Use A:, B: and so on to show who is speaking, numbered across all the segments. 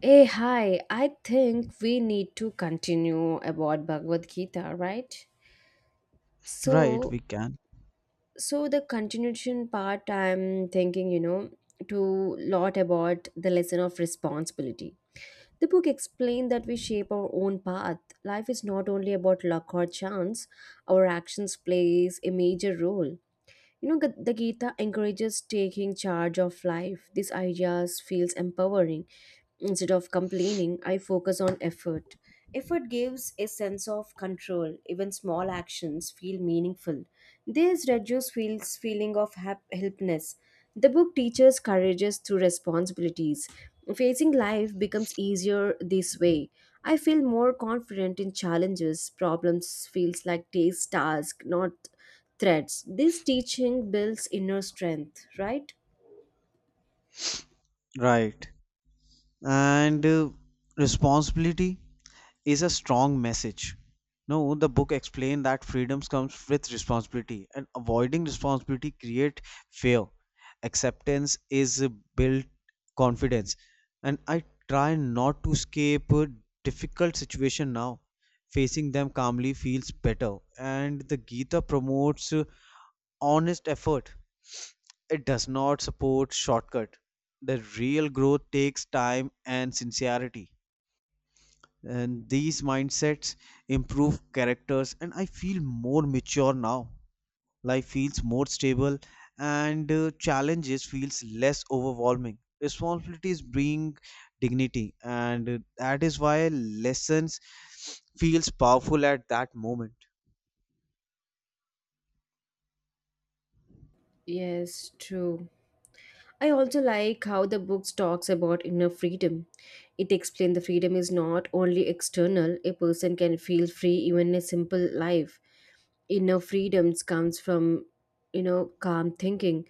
A: Hey, hi. I think we need to continue about Bhagavad Gita, right?
B: Right,
A: So,
B: we can.
A: so the continuation part, I'm thinking, to lot about the lesson of responsibility. The book explained that we shape our own path. Life is not only about luck or chance. Our actions plays a major role. You know, the Gita encourages taking charge of life. These ideas feels empowering. Instead of complaining, I focus on effort. Effort gives a sense of control. Even small actions feel meaningful. This reduces feels feeling of helplessness. The book teaches courage through responsibilities. Facing life becomes easier this way. I feel more confident in challenges. Problems feels like taste task, not threats. This teaching builds inner strength, right?
B: Right. And responsibility is a strong message. No, the book explained that freedoms comes with responsibility and avoiding responsibility create fear. Acceptance is built confidence. And I try not to escape a difficult situation now. Facing them calmly feels better. And the Gita promotes honest effort. It does not support shortcut. The real growth takes time and sincerity. And these mindsets improve characters, and I feel more mature now. Life feels more stable, and challenges feels less overwhelming. Responsibilities bring dignity, and that is why lessons feels powerful at that moment.
A: Yes, true. I also like how the book talks about inner freedom. It explains the freedom is not only external, a person can feel free even in a simple life. Inner freedoms comes from, calm thinking.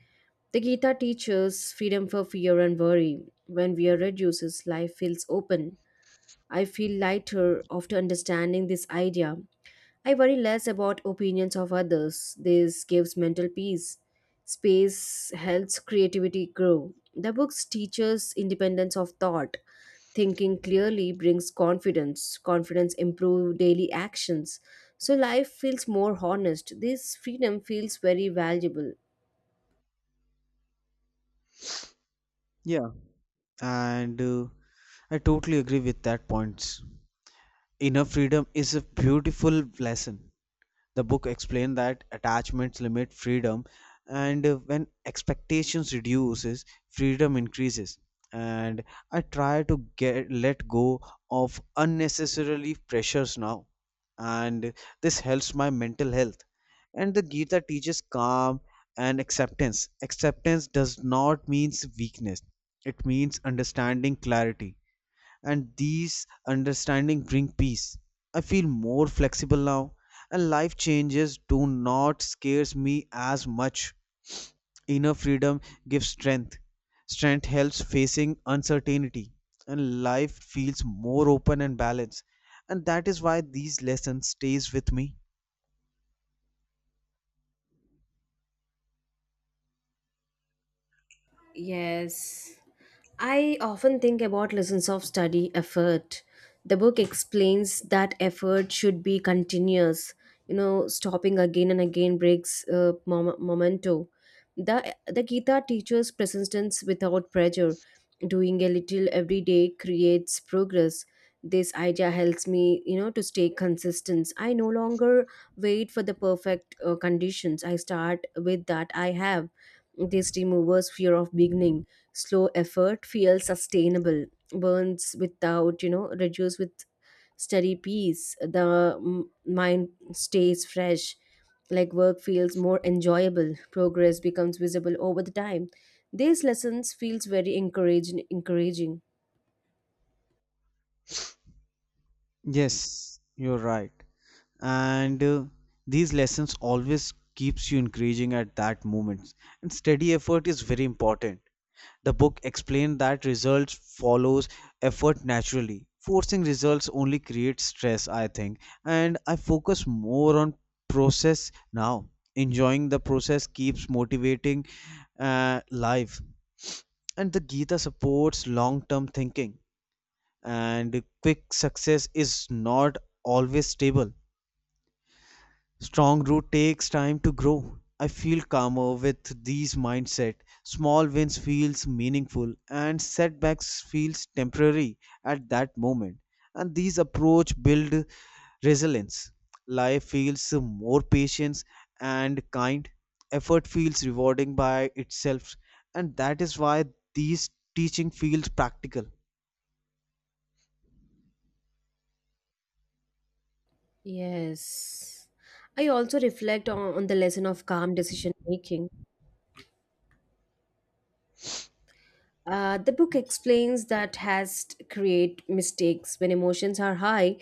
A: The Gita teaches freedom for fear and worry. When fear reduces, life feels open. I feel lighter after understanding this idea. I worry less about opinions of others. This gives mental peace. Space helps creativity grow. The books teaches independence of thought. Thinking clearly brings confidence. Confidence improves daily actions. So life feels more honest. This freedom feels very valuable.
B: Yeah, and I totally agree with that points. Inner freedom is a beautiful lesson. The book explained that attachments limit freedom, and when expectations reduces, freedom increases. And I try to get let go of unnecessarily pressures now, and this helps my mental health. And the Gita teaches calm and acceptance. Acceptance does not means weakness; it means understanding clarity and these understanding bring peace. I feel more flexible now and life changes do not scares me as much. Inner freedom gives strength. Strength helps facing uncertainty and life feels more open and balanced. And that is why these lessons stays with me.
A: Yes. I often think about lessons of study effort. The book explains that effort should be continuous, stopping again and again breaks momento. The Gita teaches persistence without pressure. Doing a little every day creates progress. This idea helps me, to stay consistent. I no longer wait for the perfect conditions. I start with that I have this removes fear of beginning. Slow effort feels sustainable. Burns without, reduce with steady peace. The mind stays fresh. Like work feels more enjoyable. Progress becomes visible over the time. These lessons feels very encouraging. Encouraging.
B: Yes, you're right. And these lessons always keeps you encouraging at that moment. And steady effort is very important. The book explained that results follows effort naturally. Forcing results only creates stress, I think, and I focus more on process now. Enjoying the process keeps motivating life. And the Gita supports long term thinking, and quick success is not always stable. Strong root takes time to grow. I feel calmer with these mindset. Small wins feels meaningful and setbacks feels temporary at that moment. And these approach build resilience. Life feels more patience and kind. Effort feels rewarding by itself and that is why these teaching feels practical.
A: Yes. I also reflect on the lesson of calm decision making. The book explains that has create mistakes when emotions are high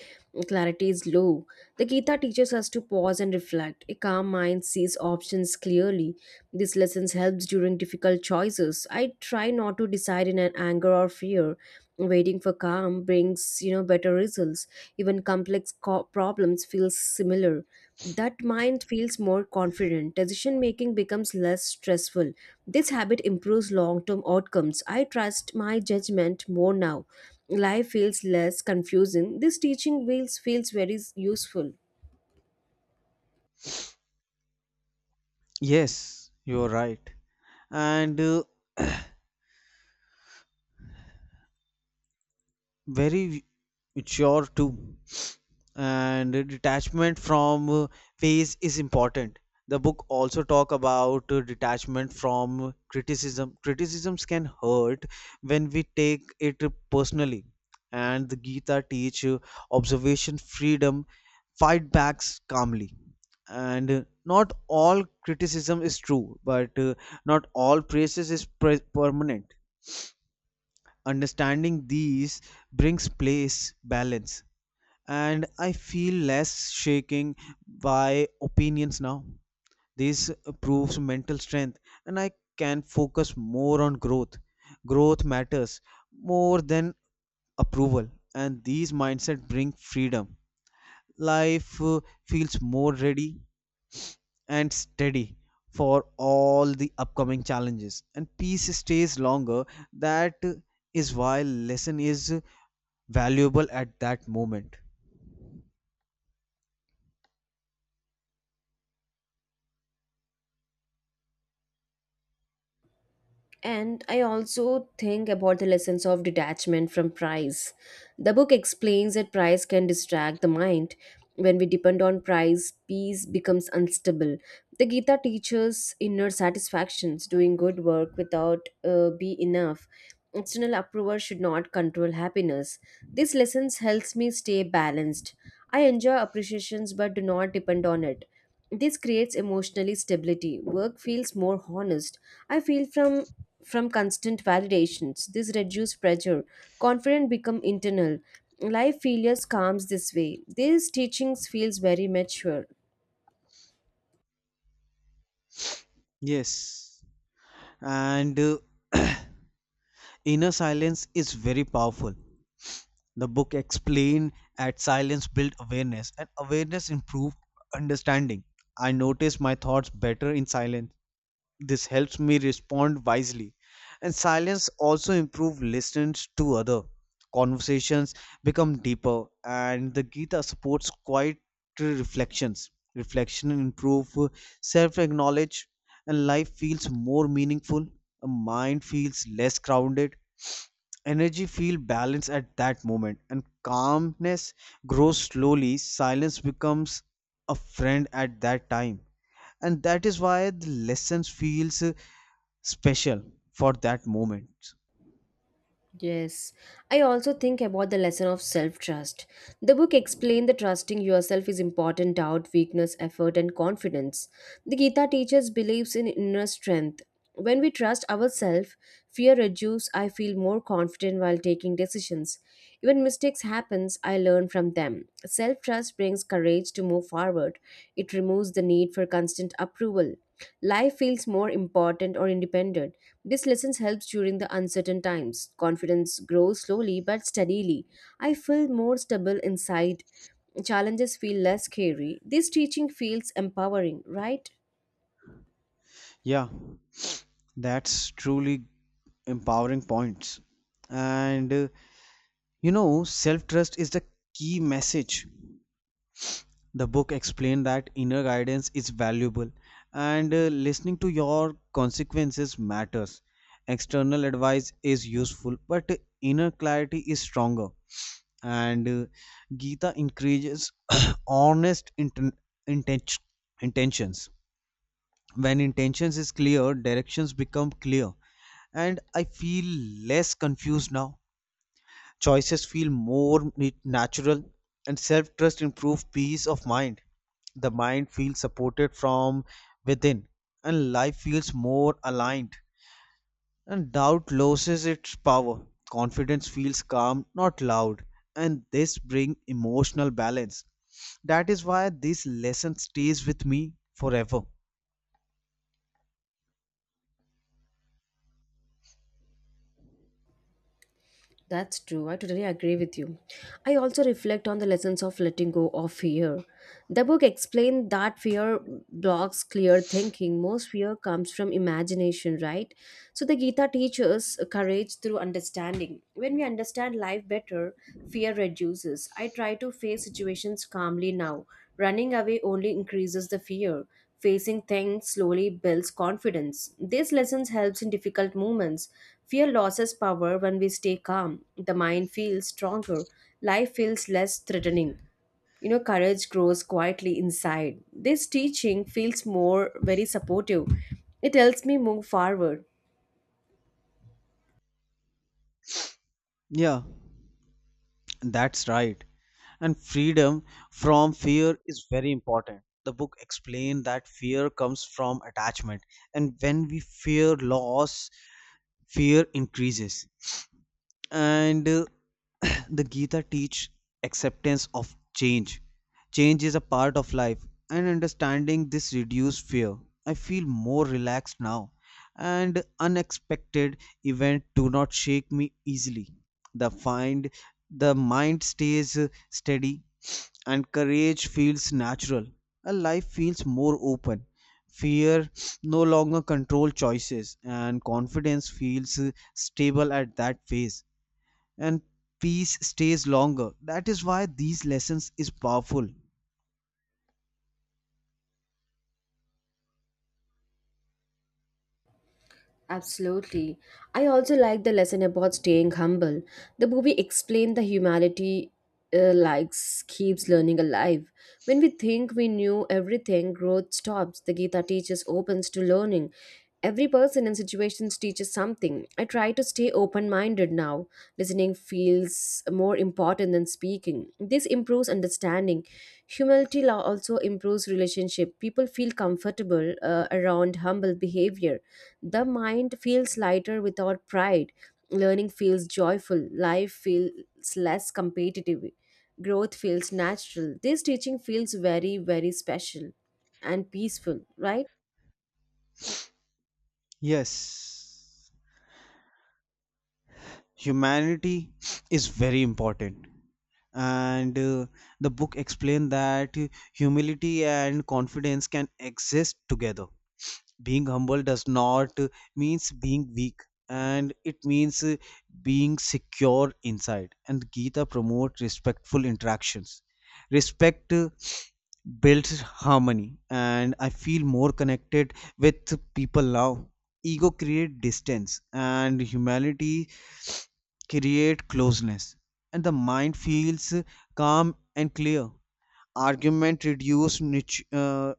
A: clarity is low. The Gita teaches us to pause and reflect. A calm mind sees options clearly. This lesson helps during difficult choices. I try not to decide in an anger or fear. Waiting for calm brings, better results. Even complex problems feel similar. That mind feels more confident. Decision making becomes less stressful. This habit improves long term outcomes. I trust my judgment more now. Life feels less confusing. This teaching feels very useful.
B: Yes, you are right and very mature too and detachment from phase is important. The book also talk about detachment from criticism. Criticisms can hurt when we take it personally and the gita teach observation freedom, fight backs calmly and not all criticism is true but not all praises is permanent. Understanding these brings place balance, and I feel less shaking by opinions now. This proves mental strength, and I can focus more on growth. Growth matters more than approval, and these mindset bring freedom. Life feels more ready and steady for all the upcoming challenges and peace stays longer. That is why lesson is valuable at that moment.
A: And I also think about the lessons of detachment from price. The book explains that price can distract the mind. When we depend on price, peace becomes unstable. The Gita teaches inner satisfactions, doing good work without be enough. External approval should not control happiness. These lessons helps me stay balanced. I enjoy appreciations but do not depend on it. This creates emotional stability. Work feels more honest. I feel from constant validations. This reduces pressure. Confidence become internal. Life failures calms this way. These teachings feels very mature.
B: Yes and uh, Inner silence is very powerful. The book explained that silence built awareness and awareness improved understanding. I notice my thoughts better in silence. This helps me respond wisely. And silence also improves listening to other. Conversations become deeper and the Gita supports quiet reflections. Reflection improve self-knowledge and life feels more meaningful. A mind feels less crowded, energy feel balanced at that moment and calmness grows slowly. Silence becomes a friend at that time and that is why the lessons feels special for that moment.
A: Yes, I also think about the lesson of self trust. The book explained that trusting yourself is important doubt, weakness, effort, and confidence. The Gita teaches beliefs in inner strength. When we trust ourselves, fear reduces. I feel more confident while taking decisions. Even mistakes happens, I learn from them. Self trust brings courage to move forward. It removes the need for constant approval. Life feels more important or independent. This lesson helps during the uncertain times. Confidence grows slowly but steadily. I feel more stable inside. Challenges feel less scary. This teaching feels empowering, right?
B: Yeah, that's truly empowering points and you know self trust is the key message. The book explained that inner guidance is valuable and listening to your consequences matters. External advice is useful but inner clarity is stronger and gita encourages honest inten- intentions. When intentions is clear directions become clear and I feel less confused now. Choices feel more natural and self trust improves peace of mind. The mind feels supported from within and life feels more aligned. And doubt loses its power. Confidence feels calm, not loud. And this brings emotional balance. That is why this lesson stays with me forever.
A: That's true. I totally agree with you. I also reflect on the lessons of letting go of fear. The book explained that fear blocks clear thinking. Most fear comes from imagination, right? So the Gita teaches courage through understanding. When we understand life better, fear reduces. I try to face situations calmly now. Running away only increases the fear. Facing things slowly builds confidence. These lessons helps in difficult moments. Fear loses power when we stay calm. The mind feels stronger. Life feels less threatening. You know, courage grows quietly inside. This teaching feels more very supportive. It helps me move forward.
B: Yeah, that's right. And freedom from fear is very important. The book explained that fear comes from attachment, and when we fear loss, fear increases and the gita teach acceptance of change. Change is a part of life and understanding this reduced fear. I feel more relaxed now and unexpected event do not shake me easily. the find the mind stays steady and courage feels natural. A life feels more open, fear no longer control choices and confidence feels stable at that phase and peace stays longer. That is why these lessons is powerful.
A: Absolutely. I also like the lesson about staying humble. The movie explained the humanity likes keeps learning alive. When we think we knew everything, growth stops. The Gita teaches opens to learning. Every person and situations teaches something. I try to stay open minded now. Listening feels more important than speaking. This improves understanding. Humility law also improves relationship. People feel comfortable around humble behavior. The mind feels lighter without pride. Learning feels joyful. Life feels less competitive. Growth feels natural. This teaching feels very, very special and peaceful, right?
B: Yes, humanity is very important and the book explained that humility and confidence can exist together. Being humble does not means being weak and it means being secure inside. And gita promotes respectful interactions. Respect builds harmony and I feel more connected with people now. Ego create distance and humanity create closeness and the mind feels calm and clear. Argument reduce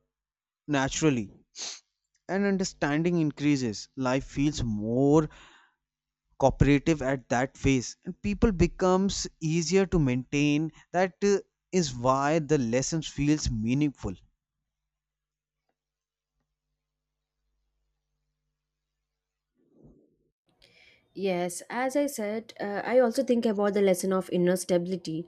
B: naturally and understanding increases. Life feels more cooperative at that phase and people becomes easier to maintain. That is why the lessons feels meaningful.
A: Yes, as I said, I also think about the lesson of inner stability.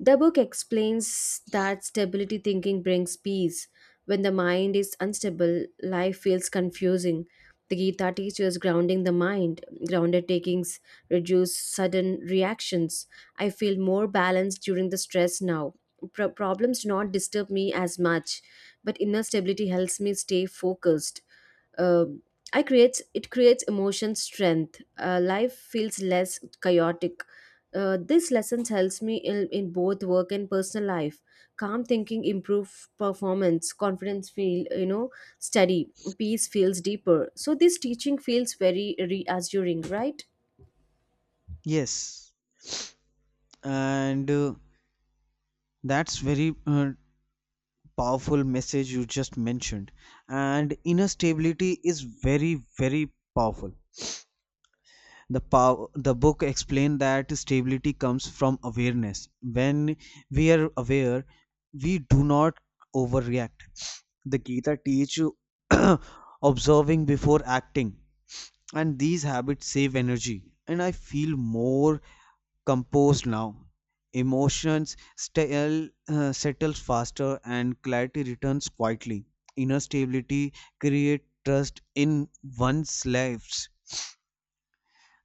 A: The book explains that stability thinking brings peace. When the mind is unstable, life feels confusing. The Gita teaches grounding the mind, grounded takings reduce sudden reactions. I feel more balanced during the stress now. Problems do not disturb me as much, but inner stability helps me stay focused. Um I creates it creates emotion strength. Life feels less chaotic. This lesson helps me in both work and personal life. Calm thinking improve performance, confidence feel, steady, peace feels deeper. So this teaching feels very reassuring, right?
B: Yes and uh, that's very powerful message you just mentioned. And inner stability is very very powerful. The book explained that stability comes from awareness. When we are aware we do not overreact. The Gita teach you observing before acting, and these habits save energy. And I feel more composed now. Emotions settles faster, and clarity returns quietly. Inner stability create trust in one's lives,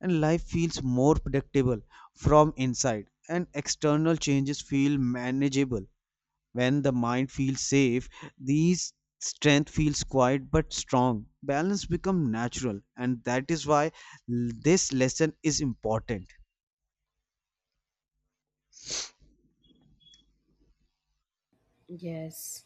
B: and life feels more predictable from inside. And external changes feel manageable when the mind feels safe, these strength feels quiet but strong. Balance become natural, and that is why this lesson is important.
A: Yes.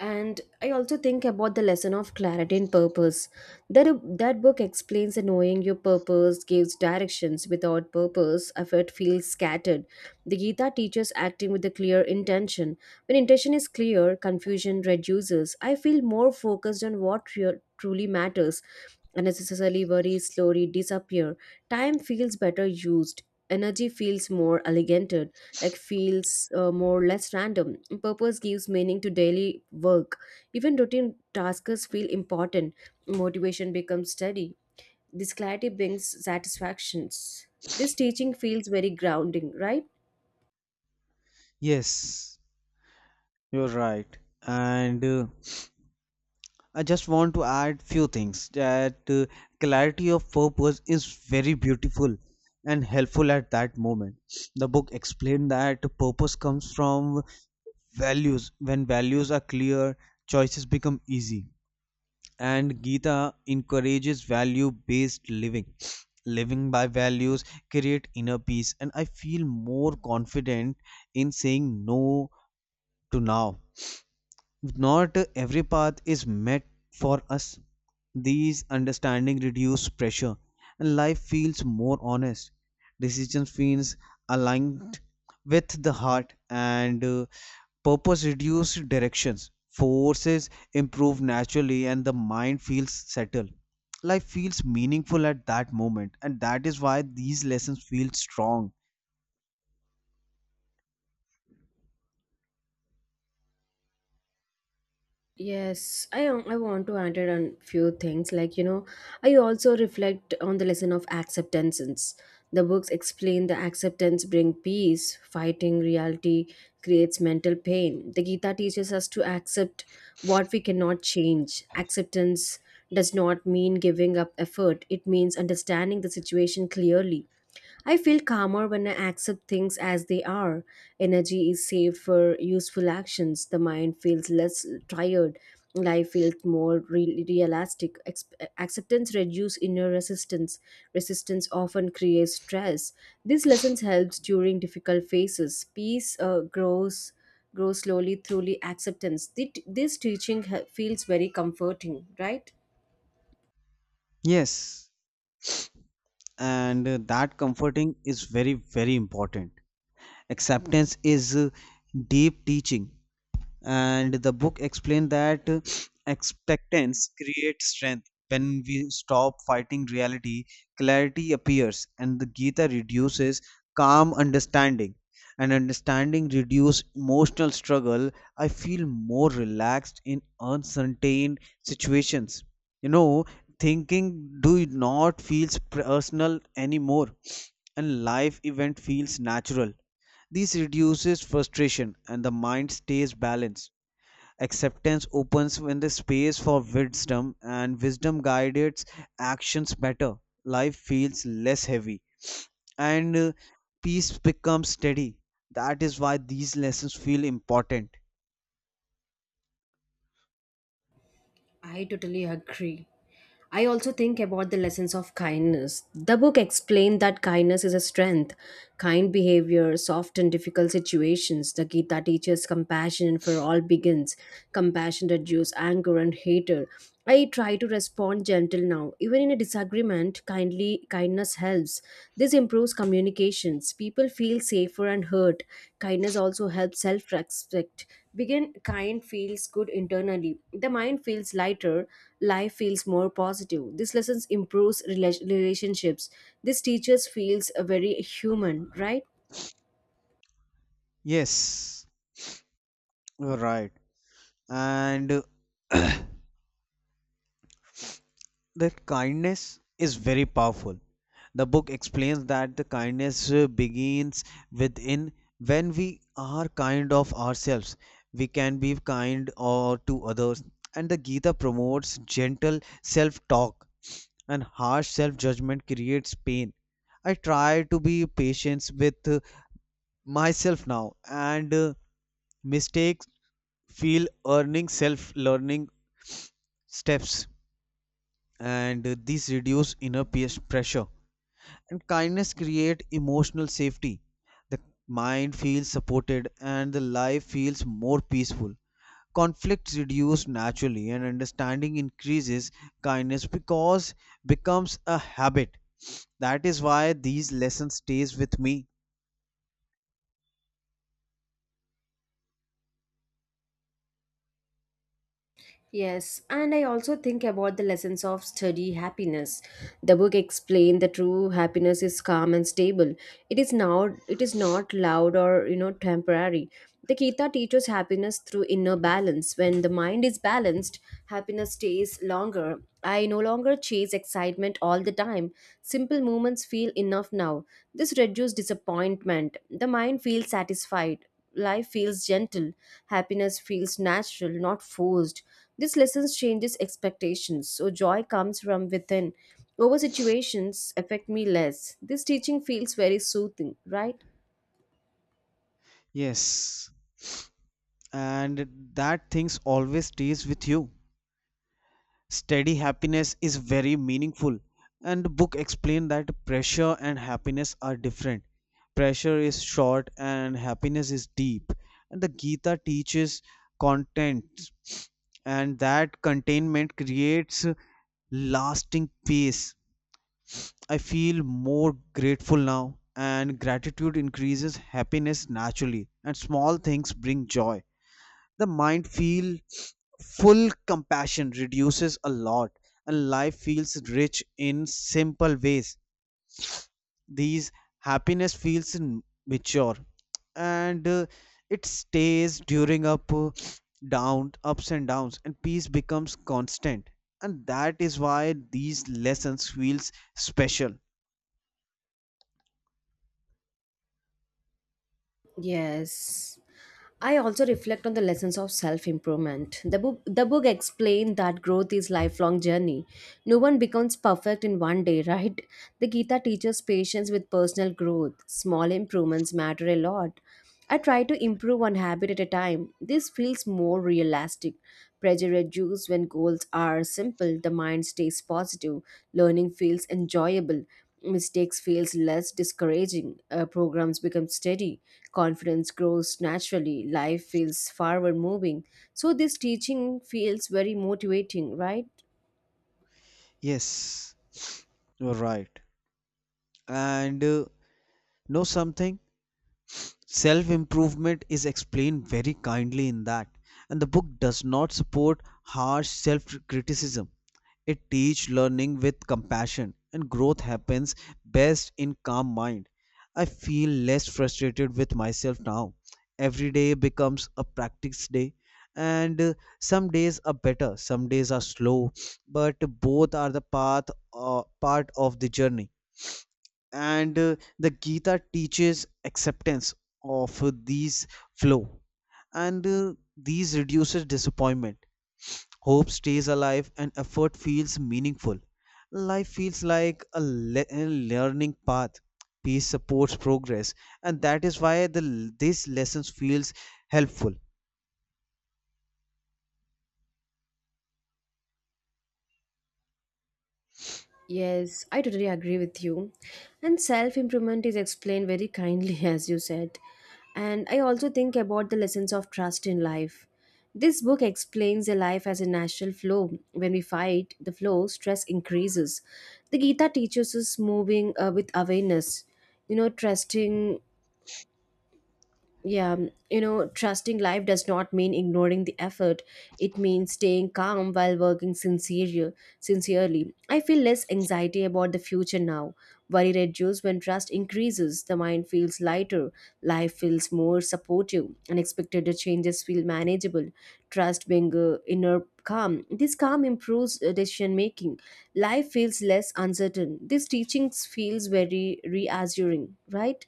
A: And I also think about the lesson of clarity and purpose. That book explains that knowing your purpose gives directions. Without purpose, effort feels scattered. The Gita teaches acting with a clear intention. When intention is clear, confusion reduces. I feel more focused on what truly matters. Unnecessarily worries slowly disappear. Time feels better used, energy feels more elegated, like feels more less random. Purpose gives meaning to daily work. Even routine tasks feel important. Motivation becomes steady. This clarity brings satisfactions. This teaching feels very grounding, right?
B: Yes, you're right. And I just want to add few things that clarity of purpose is very beautiful and helpful at that moment. The book explained that purpose comes from values. When values are clear, choices become easy. And Gita encourages value based living. Living by values create inner peace, and I feel more confident in saying no to now. Not every path is meant for us. These understanding reduce pressure and life feels more honest. Decision feels aligned with the heart and purpose Reduce directions. Forces improve naturally and the mind feels settled. Life feels meaningful at that moment and that is why these lessons feel strong.
A: Yes, I want to add on few things like, I also reflect on the lesson of acceptance. The books explain the acceptance bring peace, fighting reality creates mental pain. The Gita teaches us to accept what we cannot change. Acceptance does not mean giving up effort. It means understanding the situation clearly. I feel calmer when I accept things as they are. Energy is saved for useful actions. The mind feels less tired. Life feels more realistic. Acceptance reduces inner resistance. Resistance often creates stress. These lessons helps during difficult phases. Peace grows slowly through acceptance. This teaching feels very comforting, right?
B: Yes, and that comforting is very very important. Acceptance is deep teaching and the book explained that acceptance creates strength. When we stop fighting reality clarity appears and the gita reduces calm understanding and understanding reduces emotional struggle. I feel more relaxed in uncertain situations, you know, thinking do not feels personal anymore and life event feels natural. This reduces frustration and the mind stays balanced. Acceptance opens when the space for wisdom and wisdom guides actions better. Life feels less heavy and peace becomes steady. That is why these lessons feel important.
A: I totally agree. I also think about the lessons of kindness. The book explained that kindness is a strength. Kind behavior, soft and difficult situations. The Gita teaches compassion for all begins. Compassion reduces anger and hatred. I try to respond gentle now. Even in a disagreement, kindly kindness helps. This improves communications. People feel safer and heard. Kindness also helps self-respect. Begin kind feels good internally. The mind feels lighter. Life feels more positive. This lessons improves relationships. This teaches feels very human, right?
B: Yes, you're right. And that kindness is very powerful. The book explains that the kindness begins within. When we are kind of ourselves, we can be kind or to others. And the Gita promotes gentle self-talk, and harsh self-judgment creates pain. I try to be patient with myself now, and mistakes feel earning self-learning steps and this reduce inner peer pressure. And kindness create emotional safety. The mind feels supported and the life feels more peaceful. Conflicts reduce naturally and understanding increases. Kindness because becomes a habit. That is why these lessons stays with me.
A: Yes, and I also think about the lessons of study happiness. The book explained that true happiness is calm and stable. It is now it is not loud or, temporary. The Gita teaches happiness through inner balance. When the mind is balanced, happiness stays longer. I no longer chase excitement all the time. Simple moments feel enough now. This reduces disappointment. The mind feels satisfied, life feels gentle, happiness feels natural, not forced. This lesson changes expectations, so joy comes from within. Over situations affect me less. This teaching feels very soothing, right?
B: Yes and that things always stays with you. Steady happiness is very meaningful and book explained that pressure and happiness are different. Pressure is short and happiness is deep and the gita teaches content and that containment creates lasting peace. I feel more grateful now and gratitude increases happiness naturally and small things bring joy. The mind feel full, compassion reduces a lot and life feels rich in simple ways. These happiness feels mature and it stays during up down ups and downs and peace becomes constant. And that is why these lessons feels special.
A: Yes. I also reflect on the lessons of self improvement. The book explained that growth is lifelong journey. No one becomes perfect in one day, right? The Gita teaches patience with personal growth. Small improvements matter a lot. I try to improve one habit at a time. This feels more realistic. Pressure reduced when goals are simple, the mind stays positive, learning feels enjoyable, mistakes feels less discouraging, programs become steady, confidence grows naturally, life feels forward moving. So this teaching feels very motivating, right?
B: Yes, you're right and know something, self improvement is explained very kindly in that and the book does not support harsh self criticism. It teaches learning with compassion and growth happens best in calm mind. I feel less frustrated with myself now. Every day becomes a practice day and some days are better some days are slow but both are the path, part of the journey. And the Gita teaches acceptance of these flow and these reduces disappointment. Hope stays alive and effort feels meaningful. Life feels like a learning path. Peace supports progress and that is why the this lessons feels helpful.
A: Yes, I totally agree with you. And self improvement is explained very kindly, as you said. And I also think about the lessons of trust in life. This book explains the life as a natural flow. When we fight the flow, stress increases. The Gita teaches us moving with awareness, trusting yeah, trusting life does not mean ignoring the effort. It means staying calm while working sincerely. I feel less anxiety about the future now. Worry reduces when trust increases. The mind feels lighter. Life feels more supportive. Unexpected changes feel manageable. Trust being inner calm. This calm improves decision making. Life feels less uncertain. This teachings feels very reassuring, right?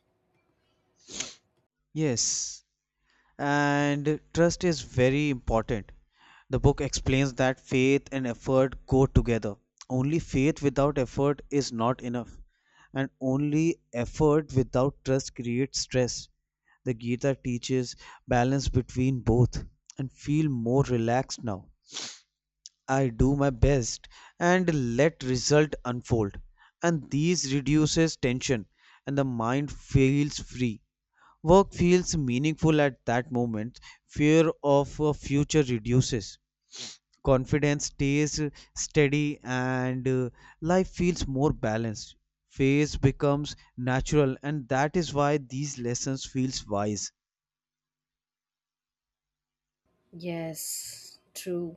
B: Yes, and trust is very important. The book explains that faith and effort go together. Only faith without effort is not enough and only effort without trust creates stress. The gita teaches balance between both and feel more relaxed now. I do my best and let result unfold and these reduces tension and the mind feels free. Work feels meaningful at that moment. Fear of a future reduces. Confidence stays steady and life feels more balanced. Phase becomes natural and that is why these lessons feels wise.
A: Yes, true.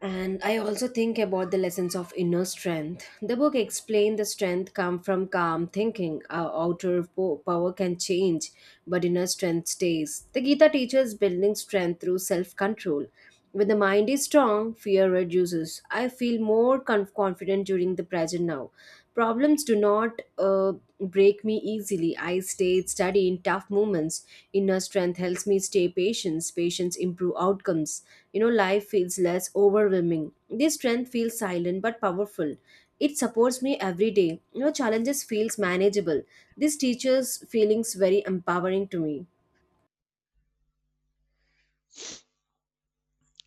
A: And I also think about the lessons of inner strength. The book explained the strength come from calm thinking. Our outer power can change, but inner strength stays. The Gita teaches building strength through self-control. When the mind is strong, fear reduces. I feel more confident during the present now. Problems do not break me easily. I stay steady in tough moments. Inner strength helps me stay patient. Patience improve outcomes. You know, life feels less overwhelming. This strength feels silent but powerful. It supports me every day. You know, challenges feels manageable. This teacher's feelings very empowering to me.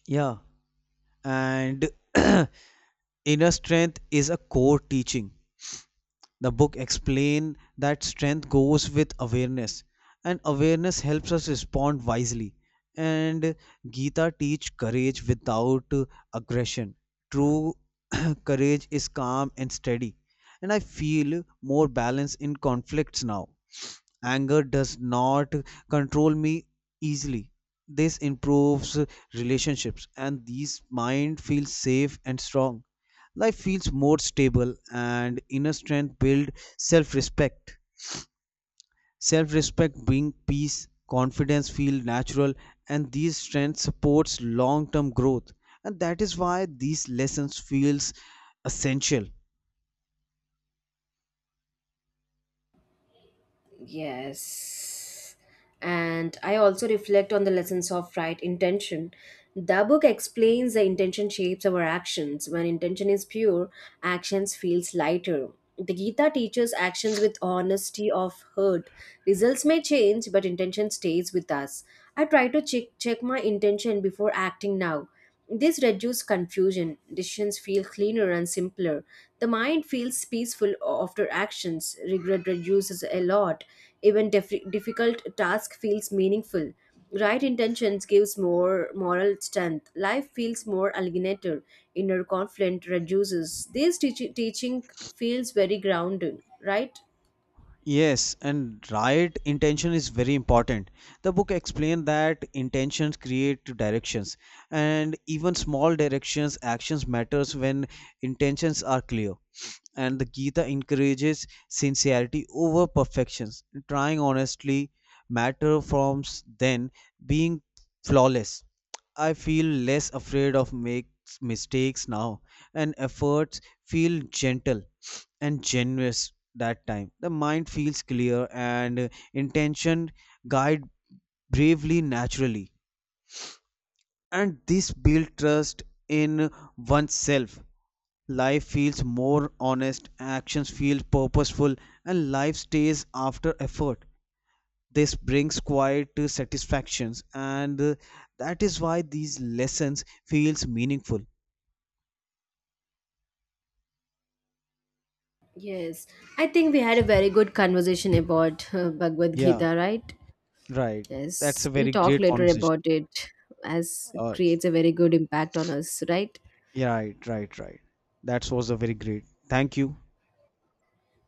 B: Yeah. And inner strength is a core teaching. The book explain that strength goes with awareness and awareness helps us respond wisely and gita teach courage without aggression. True courage is calm and steady and I feel more balance in conflicts now. Anger does not control me easily. This improves relationships and these mind feels safe and strong. Life feels more stable and inner strength build self respect. Self respect bring peace, confidence feel natural and these strengths supports long term growth. And that is why these lessons feels essential.
A: Yes. And I also reflect on the lessons of right intention. The book explains the intention shapes our actions. When intention is pure, actions feels lighter. The Gita teaches actions with honesty of heart. Results may change, but intention stays with us. I try to check my intention before acting now. This reduces confusion. Decisions feel cleaner and simpler. The mind feels peaceful after actions. Regret reduces a lot. Even difficult task feels meaningful. Right intentions gives more moral strength. Life feels more alienated. Inner conflict reduces. This teaching feels very grounding, right?
B: Yes, and right intention is very important. The book explained that intentions create directions, and even small directions actions matters when intentions are clear. And the Gita encourages sincerity over perfections, trying honestly matter then being flawless. I feel less afraid of makes mistakes now and efforts feel gentle and generous that time. The mind feels clear and intention guide bravely naturally and this build trust in oneself. Life feels more honest, actions feel purposeful and life stays after effort. This brings quiet to satisfactions and that is why these lessons feels meaningful.
A: Yes. I think we had a very good conversation about Bhagavad
B: Yeah,
A: Gita, right?
B: right. That's
A: Yes,
B: a
A: we'll
B: very
A: talk
B: great
A: later
B: conversation.
A: about it as it
B: Uh,
A: creates a very good impact on us, right?
B: yeah, right, right, right. That was a very great. Thank you.